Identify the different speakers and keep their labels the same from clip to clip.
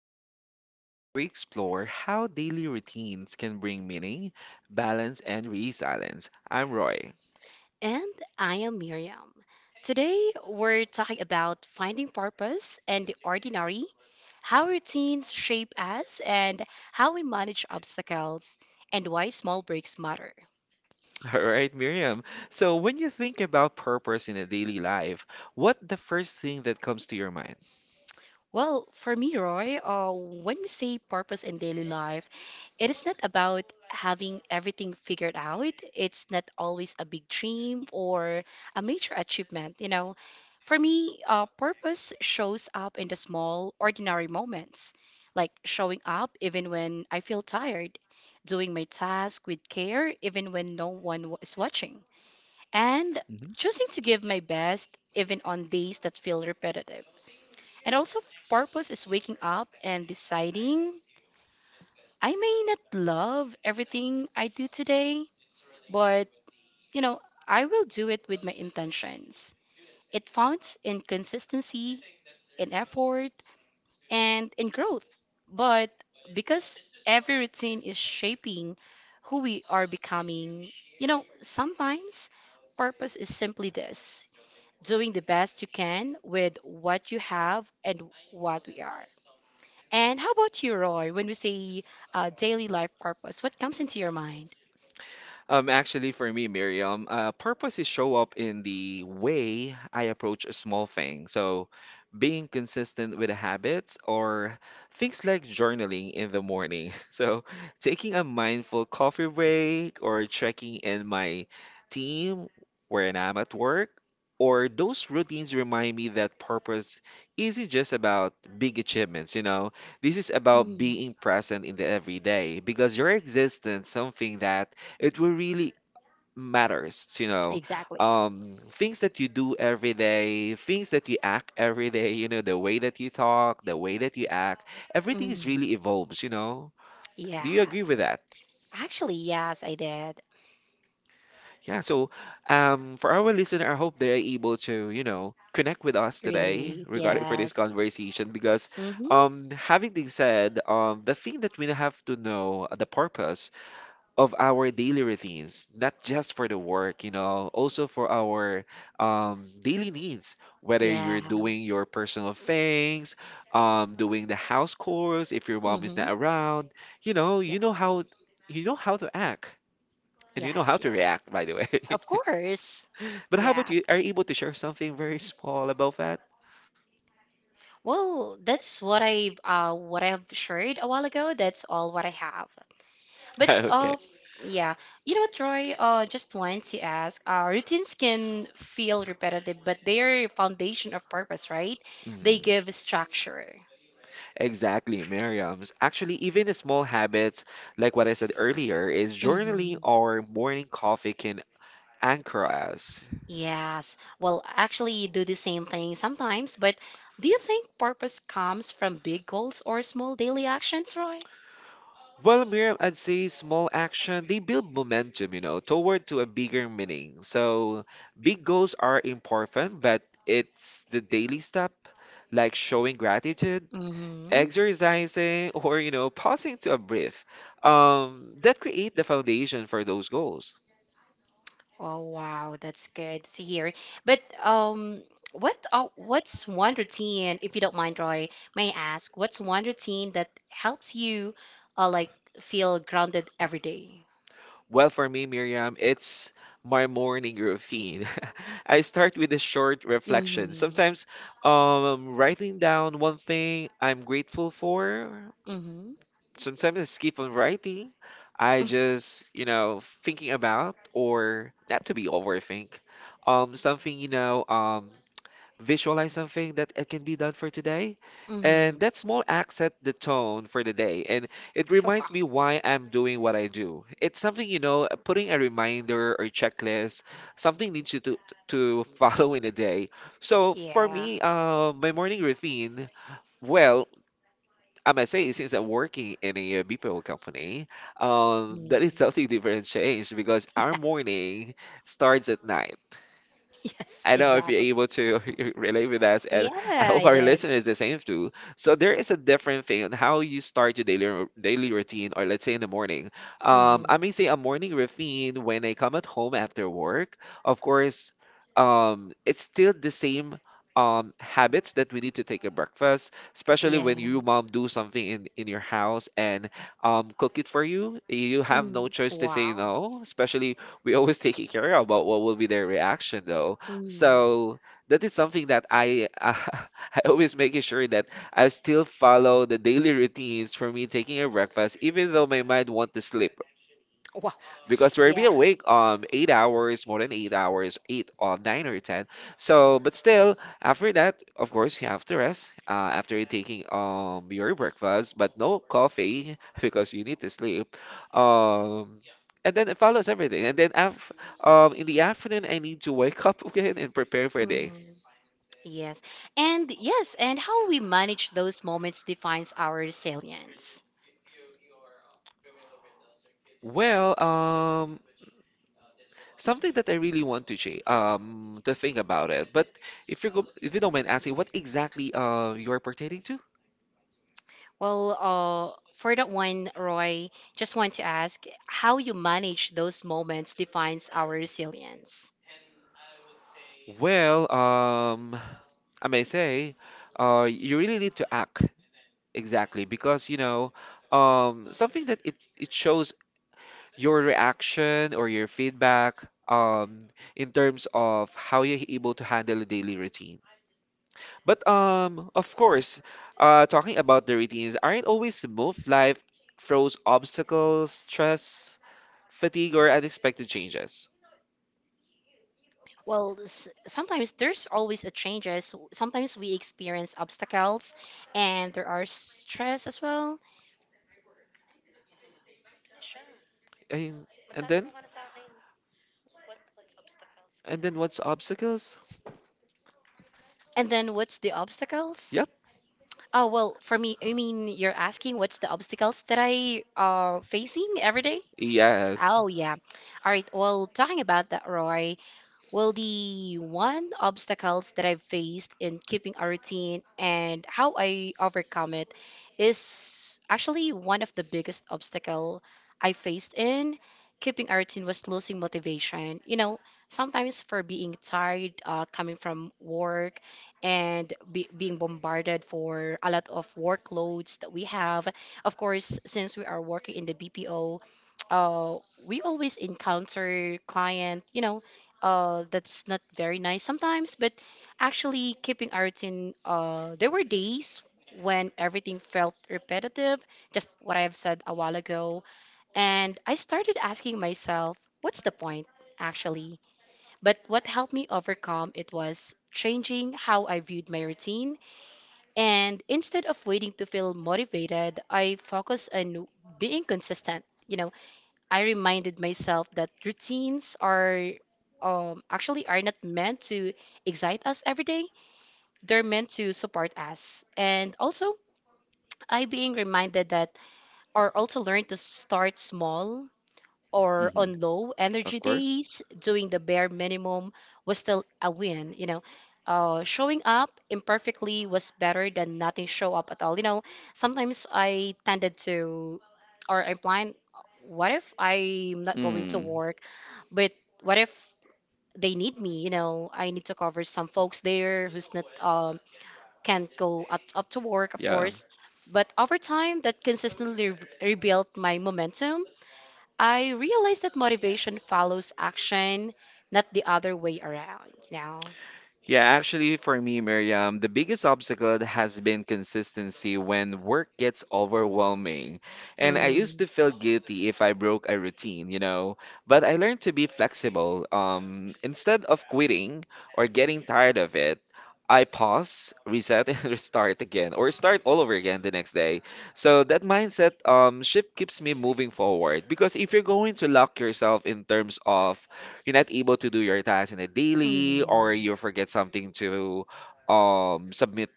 Speaker 1: The podcast where we explore how daily routines can bring meaning, balance, and resilience. I'm Roy.
Speaker 2: And I am Miriam. Today, we're talking about finding purpose and the ordinary, how routines shape us, and how we manage obstacles, and why small breaks matter.
Speaker 1: All right, Miriam. When you think about purpose in a daily life, what the first thing that comes to your mind?
Speaker 2: Well, for me, Roy, when we say purpose in daily life, it is not about having everything figured out. It's not always a big dream or a major achievement. For me, purpose shows up in the small, ordinary moments, like showing up even when I feel tired, doing my task with care even when no one is watching, and choosing to give my best even on days that feel repetitive. And also, purpose is waking up and deciding I may not love everything I do today, but you know, I will do it with my intentions. It founds in consistency, in effort, and in growth. But because every routine is shaping who we are becoming, sometimes purpose is simply this, doing the best you can with what you have and what we are. And how about you, Roy? When we say daily life purpose, what comes into your mind?
Speaker 1: Actually, for me, Miriam, purpose is show up in the way I approach a small thing. Being consistent with habits or things like journaling in the morning. Taking a mindful coffee break or checking in my team when I'm at work, or those routines remind me that purpose isn't just about big achievements. You know. This is about
Speaker 2: Mm,
Speaker 1: being present in the everyday because your existence, something that it will really matters.
Speaker 2: exactly.
Speaker 1: Things that you do every day, things that you act every day, you know, the way that you talk, the way that you act, everything is
Speaker 2: Mm,
Speaker 1: really evolves. Do you agree
Speaker 2: yes.
Speaker 1: with that?
Speaker 2: Actually, yes, I did.
Speaker 1: Yeah, so for our listener, I hope they're able to you know, connect with us today
Speaker 2: Really,
Speaker 1: regarding for this
Speaker 2: yes.
Speaker 1: conversation because
Speaker 2: Mm-hmm.
Speaker 1: having been said, the thing that we have to know, the purpose of our daily routines, not just for the work, you know, also for our daily needs, whether
Speaker 2: Yeah.
Speaker 1: you're doing your personal things, doing the house chores, if your mom is
Speaker 2: Mm-hmm.
Speaker 1: not around, you know,
Speaker 2: Yeah.
Speaker 1: you know how to act. And you know how
Speaker 2: Yes.
Speaker 1: to
Speaker 2: Yeah.
Speaker 1: react, by the way.
Speaker 2: Of course.
Speaker 1: But how about you?
Speaker 2: Yes.
Speaker 1: Are you able to share something very small about that?
Speaker 2: Well, that's what I've shared a while ago. That's all what I have. But
Speaker 1: Okay.
Speaker 2: yeah, you know what, Roy? Just want to ask. Routines can feel repetitive, but they're foundation of purpose, right?
Speaker 1: Mm.
Speaker 2: They give structure.
Speaker 1: Exactly, Miriam. Actually, even the small habits, like what I said earlier, is journaling
Speaker 2: Hmm.
Speaker 1: or morning coffee can anchor us.
Speaker 2: Yes. Well, actually, you do the same thing sometimes. But do you think purpose comes from big goals or small daily actions, Roy?
Speaker 1: Well, Miriam, I'd say small action, they build momentum, you know, toward to a bigger meaning. So big goals are important, but it's the daily step, like showing gratitude,
Speaker 2: Mm-hmm.
Speaker 1: exercising, or, you know, pausing to a brief, that create the foundation for those goals.
Speaker 2: Oh wow, that's good to hear. But what's one routine, if you don't mind, Roy, may I ask, what's one routine that helps you, like, feel grounded every day?
Speaker 1: Well, for me, Miriam, it's my morning routine. I start with a short reflection.
Speaker 2: Mm-hmm.
Speaker 1: Sometimes, writing down one thing I'm grateful for.
Speaker 2: Mm-hmm.
Speaker 1: Sometimes I skip on writing. I just, you know, thinking about or not to be overthink. Something, you know, visualize something that it can be done for today.
Speaker 2: Mm-hmm.
Speaker 1: And that small act set the tone for the day. And it
Speaker 2: Oh,
Speaker 1: reminds me why I'm doing what I do. It's something, you know, putting a reminder or checklist, something needs you to follow in a day.
Speaker 2: wow.
Speaker 1: So for
Speaker 2: Yeah.
Speaker 1: me, my morning routine, well, I must say, since I'm working in a BPO company, that
Speaker 2: Mm.
Speaker 1: is something different change because our
Speaker 2: Yeah.
Speaker 1: morning starts at nine.
Speaker 2: Yes,
Speaker 1: I know if you're
Speaker 2: exactly.
Speaker 1: able to relate with us, and
Speaker 2: Yeah,
Speaker 1: I hope
Speaker 2: I
Speaker 1: our
Speaker 2: did.
Speaker 1: listeners the same too. So there is a different thing on how you start your daily routine, or let's say in the morning.
Speaker 2: Mm-hmm.
Speaker 1: I may say a morning routine when I come at home after work. Of course, it's still the same habits that we need to take a breakfast, especially
Speaker 2: Yeah.
Speaker 1: when your mom do something in your house and cook it for you. You have no
Speaker 2: Mm.
Speaker 1: choice to say
Speaker 2: Wow.
Speaker 1: no, especially we always taking care about what will be their reaction though.
Speaker 2: Mm.
Speaker 1: So that is something that I I always making sure that I still follow the daily routines for me taking a breakfast, even though my mind want to sleep
Speaker 2: Wow.
Speaker 1: because we're
Speaker 2: Yeah.
Speaker 1: be awake 8 hours, more than 8 hours, eight or nine or ten. So, but still, after that, of course, you have to rest after taking your breakfast, but no coffee because you need to sleep. Um, and then it follows everything. And then af in the afternoon, I need to wake up again and prepare for the day.
Speaker 2: Mm, yes. And, yes, and how we manage those moments defines our resilience.
Speaker 1: Well, um. Something that I really want to change, to think about it. But if you don't mind asking, what exactly you're pertaining to?
Speaker 2: Well, for that one, Roy, just want to ask how you manage those moments defines our resilience.
Speaker 1: Well, I may say, you really need to act exactly because you know, something that it shows your reaction or your feedback, um, in terms of how you're able to handle a daily routine. But of course, talking about the routines aren't always smooth. Life throws obstacles, stress, fatigue, or unexpected changes.
Speaker 2: Well, sometimes there's always a changes. Sometimes we experience obstacles and there are stress as well.
Speaker 1: And, and then. And then what's obstacles?
Speaker 2: And then what's the obstacles?
Speaker 1: Yep.
Speaker 2: Oh, well, for me, I mean, you're asking what's the obstacles that I facing every day?
Speaker 1: Yes.
Speaker 2: Oh yeah. All right. Well, talking about that, Roy. Well, the one obstacles that I've faced in keeping a routine and how I overcome it is actually one of the biggest obstacle I faced in keeping a routine was losing motivation. You know, sometimes for being tired, coming from work and be being bombarded for a lot of workloads that we have. Of course, since we are working in the BPO, we always encounter client, that's not very nice sometimes, but actually keeping our routine, there were days when everything felt repetitive, just what I have said a while ago, and I started asking myself what's the point, actually. But what helped me overcome it was changing how I viewed my routine, and instead of waiting to feel motivated, I focused on being consistent. I reminded myself that routines are, actually are not meant to excite us every day. They're meant to support us. And also, I being reminded that, or also learn to start small, or
Speaker 1: Hmm.
Speaker 2: on low
Speaker 1: Of
Speaker 2: energy days,
Speaker 1: course.
Speaker 2: doing the bare minimum was still a win. Showing up imperfectly was better than nothing show up at all. You know, sometimes I tended to, or I'm blind, what if I'm not going to
Speaker 1: Mm.
Speaker 2: work? But what if they need me? You know, I need to cover some folks there who's not can't go up to work, of
Speaker 1: Yeah.
Speaker 2: course. But over time, that consistently rebuilt my momentum. I realized that motivation follows action, not the other way around, you know?
Speaker 1: Yeah, actually, for me, Miriam, the biggest obstacle has been consistency when work gets overwhelming. And I used
Speaker 2: Mm,
Speaker 1: to feel guilty if I broke a routine. You know. But I learned to be flexible. Instead of quitting or getting tired of it, I pause, reset, and restart again, or start all over again the next day. So that mindset shift keeps me moving forward. Because if you're going to lock yourself in terms of you're not able to do your tasks in a daily
Speaker 2: mm,
Speaker 1: or you forget something to submit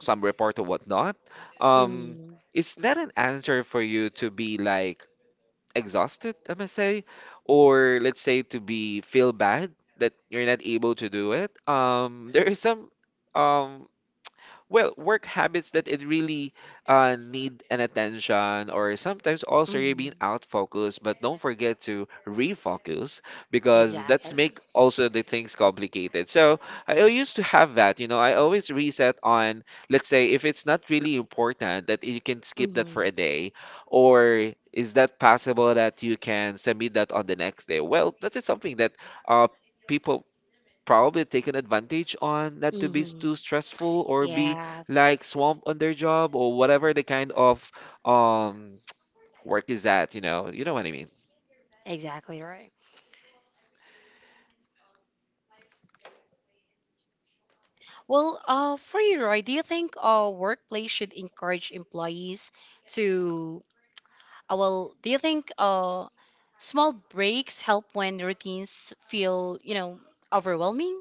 Speaker 1: some report or whatnot, um,
Speaker 2: mm,
Speaker 1: it's not an answer for you to be like exhausted, I must say, or let's say to be feel bad that you're not able to do it. There is some um, well, work habits that it really need an attention or sometimes also you're
Speaker 2: mm.
Speaker 1: being out focused, but don't forget to refocus because that's
Speaker 2: Exactly.
Speaker 1: make also the things complicated. So I used to have that, you know, I always reset on, let's say, if it's not really important that you can skip that
Speaker 2: Mm,
Speaker 1: for a day or is that possible that you can submit that on the next day? Well, that is something that uh, people probably taken advantage on not to be
Speaker 2: mm.
Speaker 1: too stressful or be
Speaker 2: Yes,
Speaker 1: like swamped on their job or whatever the kind of um work is that, you know. You know what I mean?
Speaker 2: exactly right. Well, for you, Roy, do you think, workplace should encourage employees to. Well, do you think, small breaks help when routines feel, overwhelming?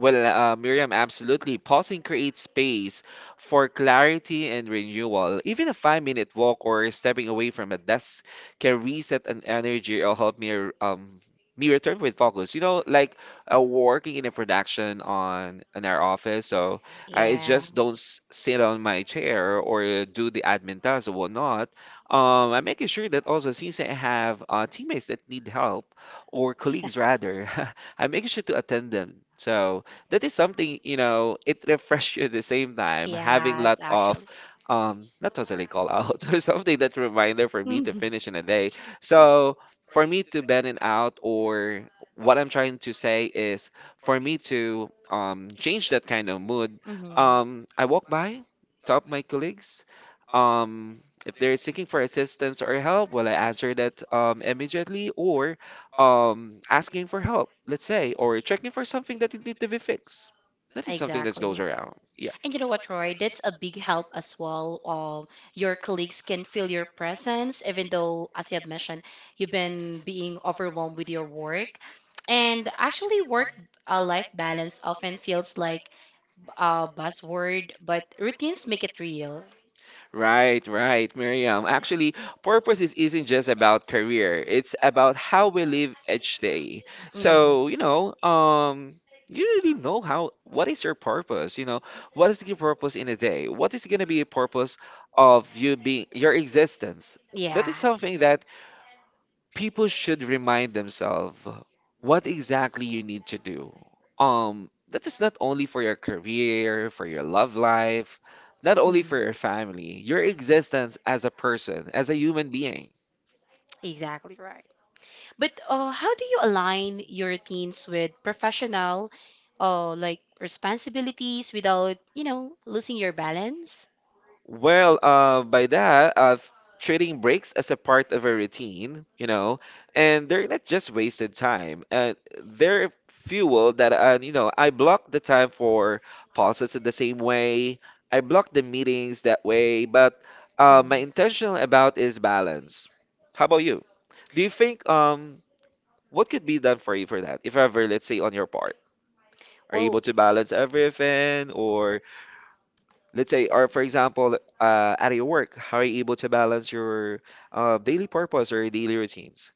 Speaker 1: Well, Miriam, absolutely. Pausing creates space for clarity and renewal. Even a five-minute walk or stepping away from a desk can reset an energy or help um me return with focus. You know, like working in a production on in our office, so I just don't sit on my chair or do the admin tasks or whatnot. I'm making sure that also since I have teammates that need help or colleagues rather, I'm making sure to attend them. So that is something, you know, it refreshes you at the same time, having lot of not totally call out or something that reminder for me to
Speaker 2: Hmm.
Speaker 1: finish in a day. So for me to bend out or what I'm trying to say is for me to change that kind of mood,
Speaker 2: Hmm.
Speaker 1: I walk by, talk my colleagues, if they're seeking for assistance or help, will I answer that immediately or asking for help, let's say, or checking for something that it need to be fixed. That is something that goes
Speaker 2: Exactly.
Speaker 1: around. Yeah.
Speaker 2: And you know what, Roy? That's a big help as well. Your colleagues can feel your presence, even though, as you have mentioned, you've been being overwhelmed with your work. And actually, work, life balance often feels like a buzzword, but routines make it real.
Speaker 1: Right, Miriam. Actually, purpose is isn't just about career. It's about how we live each day.
Speaker 2: Mm,
Speaker 1: So, you know, you really know how what is your purpose, you know? What is your purpose in a day? What is going to be a purpose of you being your existence? That is
Speaker 2: yes.
Speaker 1: something that people should remind themselves what exactly you need to do. That is not only for your career, for your love life, not only
Speaker 2: Mm,
Speaker 1: for your family, your existence as a person, as a human being.
Speaker 2: exactly right. But how do you align your routines with professional, like responsibilities without, losing your balance?
Speaker 1: Well, treating breaks as a part of a routine, you know, and they're not just wasted time. They're fuel that, you know, I block the time for pauses in the same way. I block the meetings that way, but my
Speaker 2: Mm.
Speaker 1: intentional about is balance. How about you? Do you think what could be done for you for that? If ever, let's say on your part, are you able
Speaker 2: Well.
Speaker 1: to balance everything, or let's say, or for example, at your work, how are you able to balance your daily purpose or daily routines?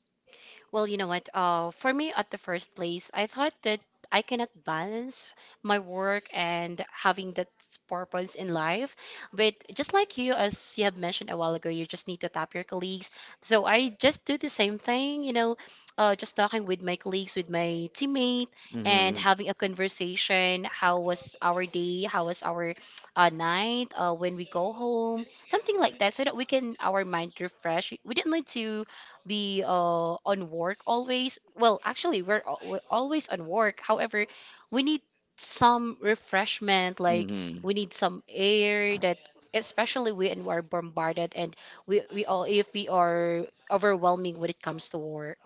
Speaker 2: Well, you know what? For me, at the first place, I thought that I cannot balance my work and having that purpose in life. But just like you, as you have mentioned a while ago, you just need to tap your colleagues. So I just do the same thing, just talking with my colleagues, with my teammate, and
Speaker 1: Mm-hmm.
Speaker 2: having a conversation. How was our day? How was our, night? When we go home, something like that, so that we can our mind refresh. We didn't need to be, on work always. Well, actually, we're always on work. However, we need some refreshment, like
Speaker 1: Mm-hmm.
Speaker 2: we need some air that, especially when we are bombarded and we all if we are overwhelming when it comes to work.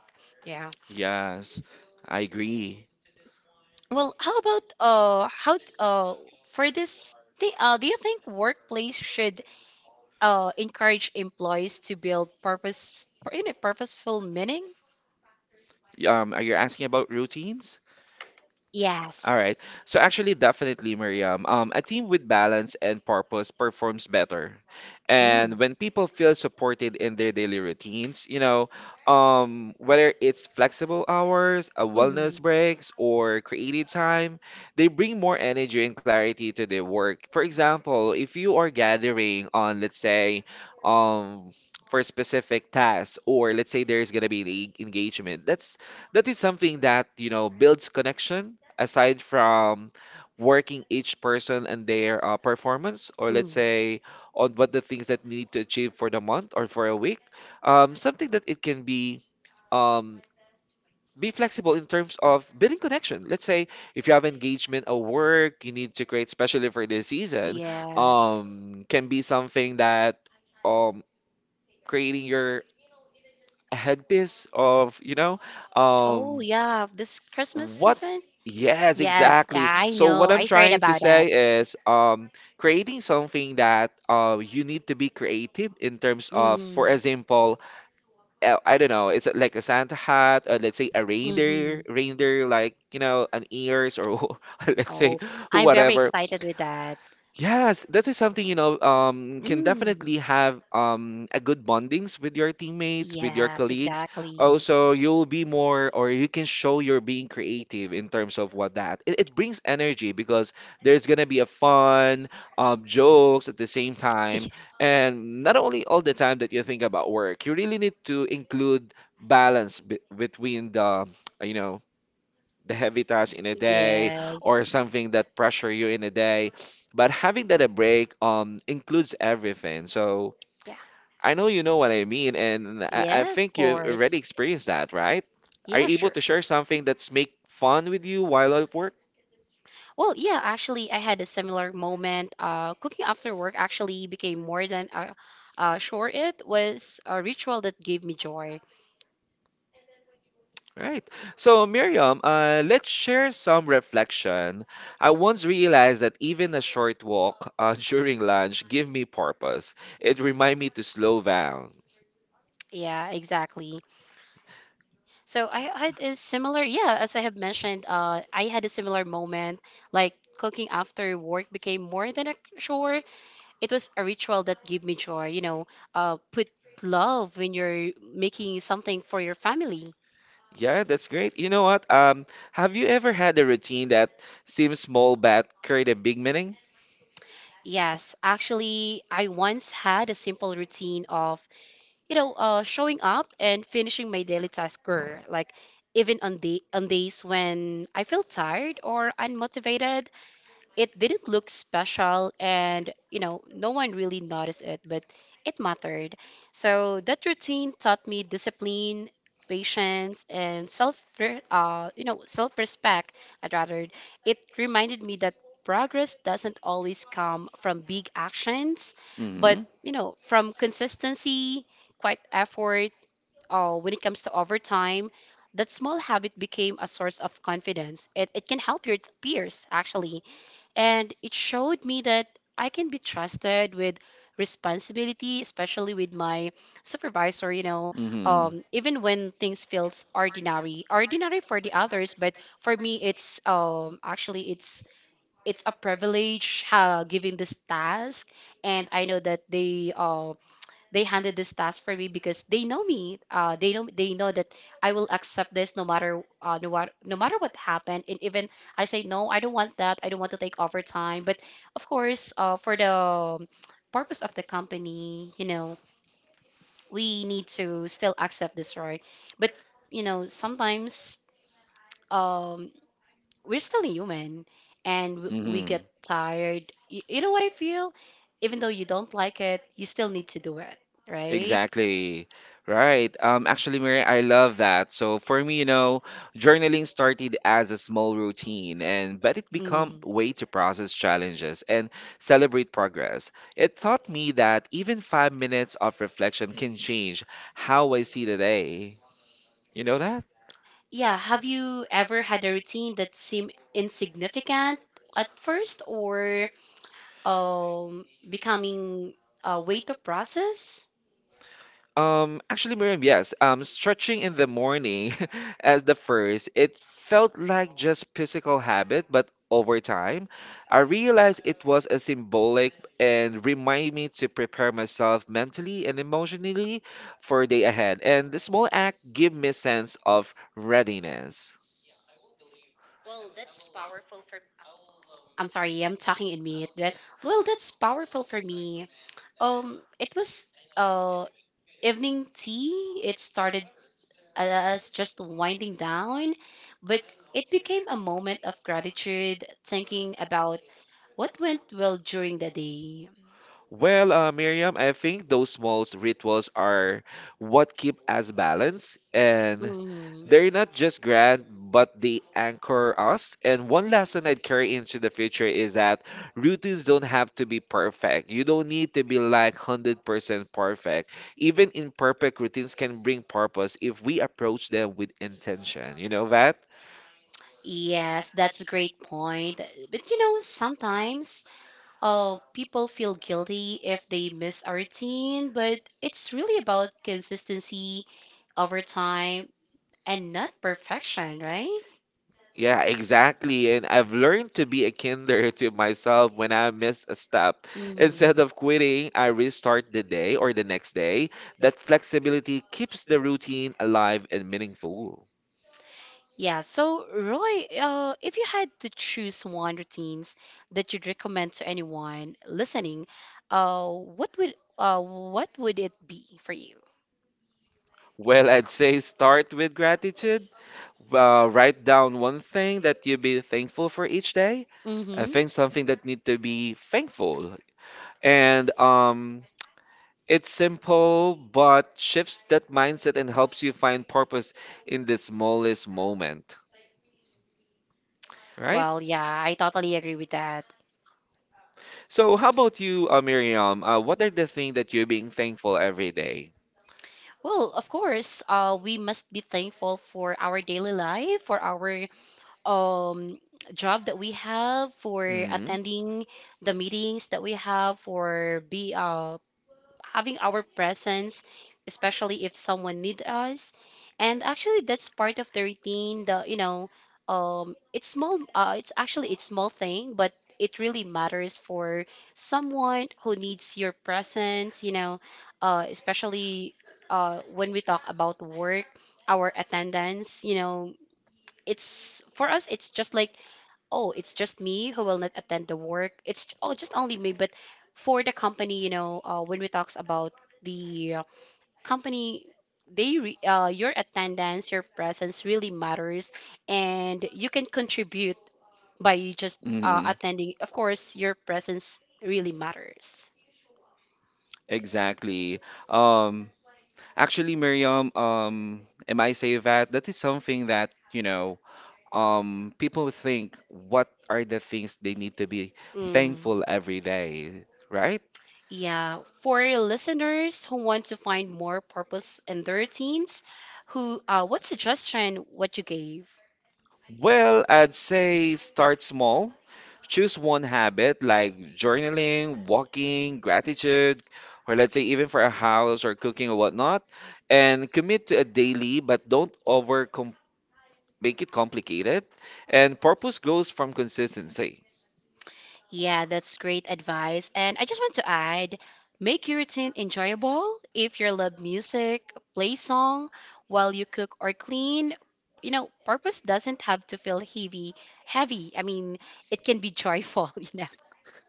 Speaker 2: Yeah.
Speaker 1: Yes, I agree.
Speaker 2: Well, how about for this thing, do you think workplace should encourage employees to build purpose or in a purposeful meaning?
Speaker 1: Are you asking about routines? All
Speaker 2: Yes.
Speaker 1: Yes. right. So actually, definitely, Miriam, a team with balance and purpose performs better.
Speaker 2: Mm.
Speaker 1: And when people feel supported in their daily routines, you know, whether it's flexible hours, a
Speaker 2: Hmm.
Speaker 1: wellness breaks, or creative time, they bring more energy and clarity to their work. For example, if you are gathering on, let's say, um, for a specific task, or let's say there's gonna be an engagement, that is something that, builds connection aside from working each person and their performance, or let's say on what the things that we need to achieve for the month or for a week, something that it can um, be flexible in terms of building connection. Let's say if you have engagement at work, you need to create, especially for this season, can be something that um, creating your headpiece of, um,
Speaker 2: Yeah. This Christmas
Speaker 1: what?
Speaker 2: season?
Speaker 1: Yes, exactly. So what I'm trying to say is creating something that you need to be creative in terms of, for example, I don't know, it's like a Santa hat, let's say a reindeer like, an ears or let's say whatever.
Speaker 2: Excited with that.
Speaker 1: Yes, that is something, can definitely have a good bondings with your teammates, with your colleagues.
Speaker 2: Exactly.
Speaker 1: Also, you'll be more, or you can show you're being creative in terms of what that. It brings energy because there's gonna be a fun, jokes at the same time,
Speaker 2: Energy.
Speaker 1: and not only all the time that you think about work, you really need to include balance b between you know, the heavy task in a day or something that pressure you in a day. But having that a break includes everything. So
Speaker 2: Yeah.
Speaker 1: I know you know what I mean, and I think you already experienced that, right? Are
Speaker 2: Yeah.
Speaker 1: you able to share something that's make fun with you while at work?
Speaker 2: Well, yeah, actually, I had a similar moment. Cooking after work actually became more than a chore. It was a ritual that gave me joy.
Speaker 1: Right. So, Miriam, let's share some reflection. I once realized that even a short walk, during lunch give me purpose. It remind me to slow down.
Speaker 2: Yeah, exactly. So I had a similar, yeah, as I have mentioned, I had a similar moment. Like cooking after work became more than a chore. It was a ritual that gave me joy. You know, put love when you're making something for your family.
Speaker 1: Yeah, that's great. You know what? Have you ever had a routine that seems small but create a big meaning?
Speaker 2: Yes, actually, I once had a simple routine of, showing up and finishing my daily tasker. Like even on days when I feel tired or unmotivated, it didn't look special, and no one really noticed it, but it mattered. So that routine taught me discipline, patience, and self-respect. I'd rather, it reminded me that progress doesn't always come from big actions, but from consistency, quite effort. When it comes to overtime, that small habit became a source of confidence. It can help your peers actually, and it showed me that I can be trusted with responsibility, especially with my supervisor, even when things feels ordinary, ordinary for the others, but for me, it's, actually it's a privilege, giving this task, and I know that they handed this task for me because they know me. They know that I will accept this no matter, no matter what happened. And even I say no, I don't want that. I don't want to take overtime. But of course, for the, purpose of the company, we need to still accept this right. But sometimes, um, we're still human, and we
Speaker 1: Mm-hmm.
Speaker 2: get tired. You know what I feel? Even though you don't like it, you still need to do it, right?
Speaker 1: Exactly. Right. Actually, Mary, I love that. So for me, journaling started as a small routine and but it become
Speaker 2: Mm.
Speaker 1: way to process challenges and celebrate progress. It taught me that even 5 minutes of reflection can change how I see the day. You know that?
Speaker 2: Yeah, have you ever had a routine that seemed insignificant at first, or becoming a way to process?
Speaker 1: Actually, Miriam, yes. Stretching in the morning as the first, it felt like just physical habit, but over time, I realized it was a symbolic and remind me to prepare myself mentally and emotionally for day ahead. And the small act give me sense of readiness.
Speaker 2: I'm sorry, I'm talking in me. That Well, that's powerful for me. It was, uh evening tea. It started as just winding down, but it became a moment of gratitude, thinking about what went well during the day.
Speaker 1: Well, Miriam, I think those small rituals are what keep us balanced, and
Speaker 2: Hmm.
Speaker 1: they're not just grand, but they anchor us. And one lesson I'd carry into the future is that routines don't have to be perfect. You don't need to be like 100% perfect. Even imperfect routines can bring purpose if we approach them with intention. You know that?
Speaker 2: Yes, that's a great point. But sometimes, people feel guilty if they miss a routine, but it's really about consistency over time and not perfection, right?
Speaker 1: Yeah, exactly. And I've learned to be a kinder to myself when I miss a step.
Speaker 2: Hmm.
Speaker 1: Instead of quitting, I restart the day or the next day. That flexibility keeps the routine alive and meaningful.
Speaker 2: Yeah, so Roy, if you had to choose one routines that you'd recommend to anyone listening, what would it be for you?
Speaker 1: Well, I'd say start with gratitude. Write down one thing that you would be thankful for each day. I
Speaker 2: Mm-hmm.
Speaker 1: think something that need to be thankful. And it's simple, but shifts that mindset and helps you find purpose in the smallest moment, right?
Speaker 2: Well, yeah, I totally agree with that.
Speaker 1: So, how about you, Miriam? What are the things that you're being thankful every day?
Speaker 2: Well, of course, we must be thankful for our daily life, for our, um, job that we have, for
Speaker 1: Mhm.
Speaker 2: attending the meetings that we have, for be having our presence, especially if someone need us. And actually, that's part of the routine. It's small. It's actually it's small thing, but it really matters for someone who needs your presence. You know, especially, when we talk about work, our attendance. You know, it's for us. It's just like, oh, it's just me who will not attend the work. It's oh, just only me. But for the company, when we talks about the company, they re your attendance, your presence really matters, and you can contribute by just
Speaker 1: Mhm.
Speaker 2: attending. Of course, your presence really matters.
Speaker 1: Exactly. Um, Actually, Miriam, am I saying that? That is something that, people think what are the things they need to be
Speaker 2: Mm.
Speaker 1: thankful every day, right?
Speaker 2: Yeah, for your listeners who want to find more purpose in their teens, who what suggestion what you gave?
Speaker 1: Well, I'd say start small. Choose one habit like journaling, walking, gratitude, or let's say even for a house or cooking or whatnot, and commit to a daily, but don't overcomplicate make it complicated, and purpose grows from consistency.
Speaker 2: Yeah, that's great advice. And I just want to add, make your routine enjoyable. If you love music, play song while you cook or clean. Purpose doesn't have to feel heavy, heavy. I mean, it can be joyful.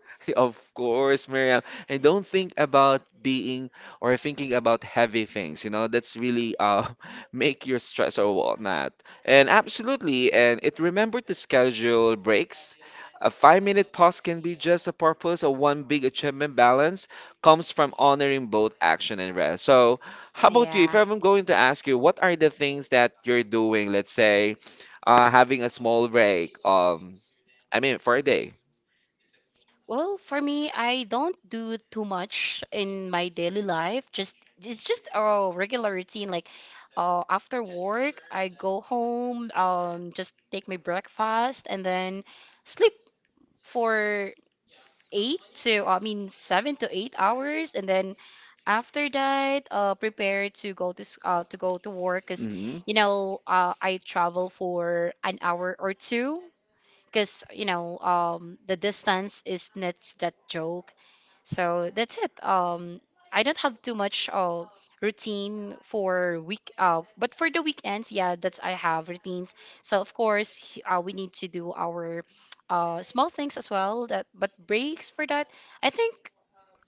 Speaker 1: Of course, Miriam. And don't think about being or thinking about heavy things, that's really make your stress or whatnot. And absolutely, and it remember to schedule breaks. A 5-minute pause can be just a purpose or one big achievement balance comes from honoring both action and rest. So how about you? If
Speaker 2: Yeah.
Speaker 1: I'm going to ask you, what are the things that you're doing, let's say, having a small break, I mean for a day?
Speaker 2: Well, for me, I don't do too much in my daily life. Just It's just a regular routine. Like, after work, I go home, just take my breakfast and then sleep. For eight to I mean 7 to 8 hours, and then after that, prepare to go to work. Cause
Speaker 1: Hmm.
Speaker 2: I travel for an hour or two, because the distance is not that joke, so that's it. I don't have too much routine for week. But for the weekends, yeah, that's, I have routines. So of course, we need to do our small things as well that but breaks for that I think.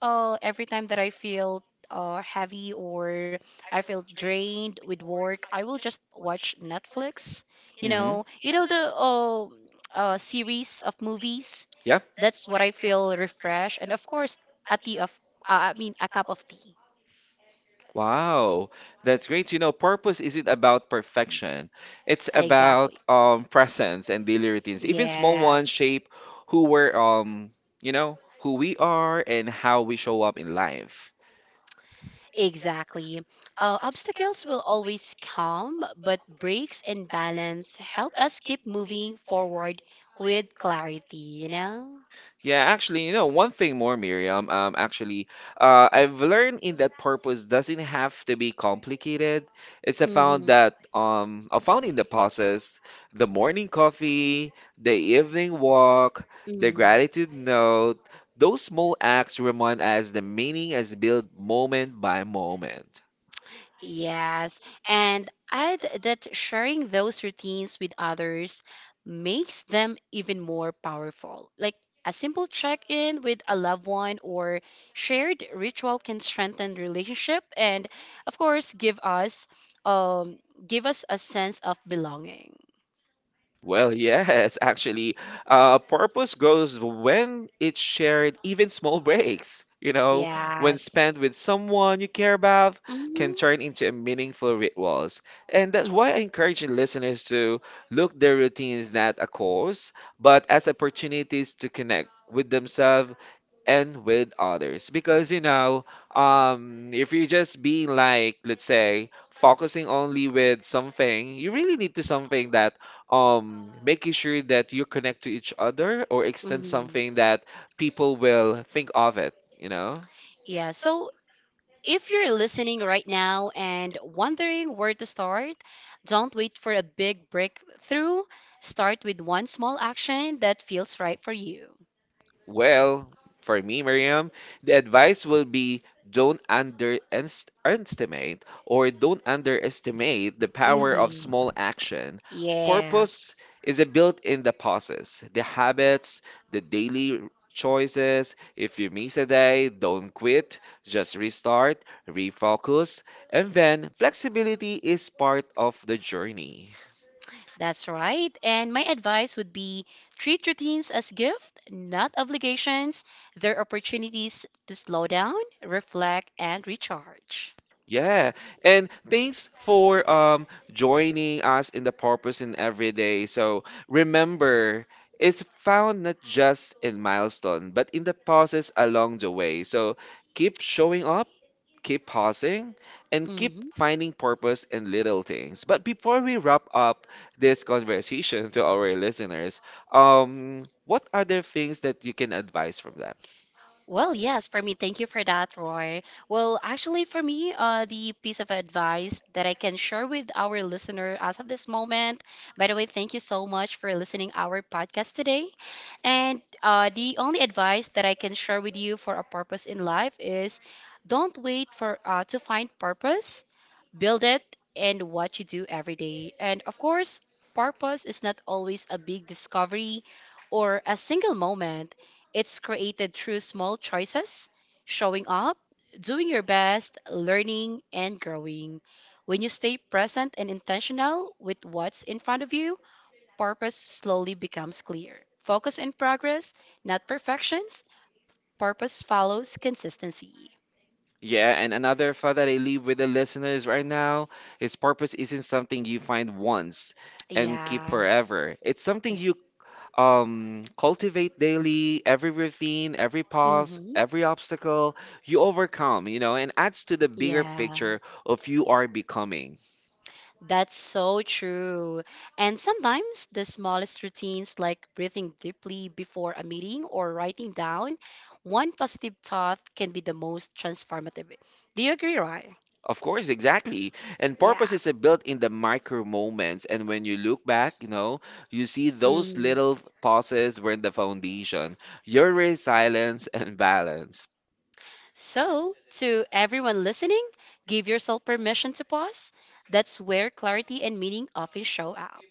Speaker 2: Every time that I feel heavy or I feel drained with work, I will just watch Netflix. You
Speaker 1: Hmm.
Speaker 2: know, you know the series of movies.
Speaker 1: Yeah.
Speaker 2: That's what I feel refreshed, and of course, a tea of I mean, a cup of tea.
Speaker 1: Wow. That's great. You know, purpose isn't about perfection. It's about
Speaker 2: Exactly.
Speaker 1: presence and daily routines. Even small ones
Speaker 2: Yes,
Speaker 1: shape who we're um, who we are and how we show up in life.
Speaker 2: exactly. Obstacles will always come, but breaks and balance help us keep moving forward with clarity, you know?
Speaker 1: Yeah, actually, one thing more, Miriam. Actually, I've learned in that purpose doesn't have to be complicated. It's I found
Speaker 2: Mm-hmm.
Speaker 1: that I found in the process the morning coffee, the evening walk,
Speaker 2: the
Speaker 1: the
Speaker 2: Mm-hmm.
Speaker 1: gratitude note. Those small acts remind us the meaning is built moment by moment.
Speaker 2: Yes. And add that sharing those routines with others makes them even more powerful. Like a simple check in with a loved one or shared ritual can strengthen relationship and of course um give us a sense of belonging. You
Speaker 1: Well, yes, actually, purpose grows when it's shared. Even small breaks, when
Speaker 2: Yes. respect
Speaker 1: spent with someone you care about,
Speaker 2: can
Speaker 1: can
Speaker 2: Mm-hmm.
Speaker 1: turn into a meaningful rituals. And that's why I encourage listeners to look their routines not a cause, but as opportunities to connect with themselves and with others. Because, if you're just being like, let's say, focusing only with something, you really need to something that making sure that you connect to each other or extend
Speaker 2: hmm
Speaker 1: something that people will think of it, you know?
Speaker 2: Yeah, so if you're listening right now and wondering where to start, don't wait for a big breakthrough. Start with one small action that feels right for you.
Speaker 1: Well, for me, Miriam, the advice will be don't underestimate the power of
Speaker 2: Mhm.
Speaker 1: small action. Purpose
Speaker 2: Yes,
Speaker 1: is a built in the process, the habits, the daily choices. If you miss a day, don't quit, just restart, refocus, and then flexibility is part of the journey.
Speaker 2: that's right. And my advice would be treat routines as gift, not obligations. They're opportunities to slow down, reflect, and recharge.
Speaker 1: Yeah, and thanks for joining us in the purpose in every day. So remember, it's found not just in milestone, but in the pauses along the way. So keep showing up, keep pausing, and keep
Speaker 2: Mhm.
Speaker 1: finding purpose in little things. But before we wrap up this conversation to our listeners, what other things that you can advise from that?
Speaker 2: Well, yes, for me, thank you for that, Roy. Well, actually, for me, the piece of advice that I can share with our listener as of this moment, by the way, thank you so much for listening our podcast today. And the only advice that I can share with you for a purpose in life is don't wait for to find purpose, build it, and what you do every day. And of course, purpose is not always a big discovery or a single moment. It's created through small choices, showing up, doing your best, learning, and growing. When you stay present and intentional with what's in front of you, purpose slowly becomes clear. Focus in progress, not perfections. Purpose follows consistency.
Speaker 1: Yeah, and another thought that I leave with the listeners right now is purpose isn't something you find once and keep
Speaker 2: Yeah,
Speaker 1: forever. It's something you cultivate daily, every routine, every pause, every obstacle you overcome, and adds to the bigger picture of you are becoming.
Speaker 2: that's so true. And sometimes the smallest routines, like breathing deeply before a meeting or writing down one positive thought, can be the most transformative. Do you agree, Roy?
Speaker 1: Of course, exactly. And purpose is built in the micro moments. And when you look back, you see those little pauses were the foundation, your resilience and balance.
Speaker 2: So, to everyone listening, give yourself permission to pause. That's where clarity and meaning often show up.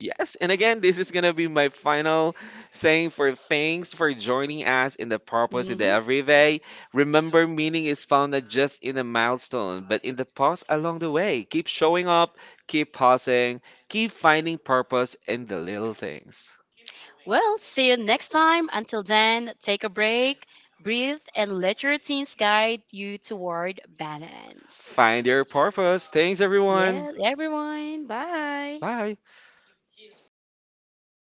Speaker 1: Yes, and again, this is gonna be my final saying for thanks for joining us in the purpose in the
Speaker 2: Mhm.
Speaker 1: everyday. Remember, meaning is found not just in the milestone, but in the pause along the way. Keep showing up, keep pausing, keep finding purpose in the little things.
Speaker 2: Well, see you next time. Until then, take a break, breathe, and let your routines guide you toward balance.
Speaker 1: Find your purpose. Thanks, everyone.
Speaker 2: Yeah, everyone. Bye.
Speaker 1: Bye.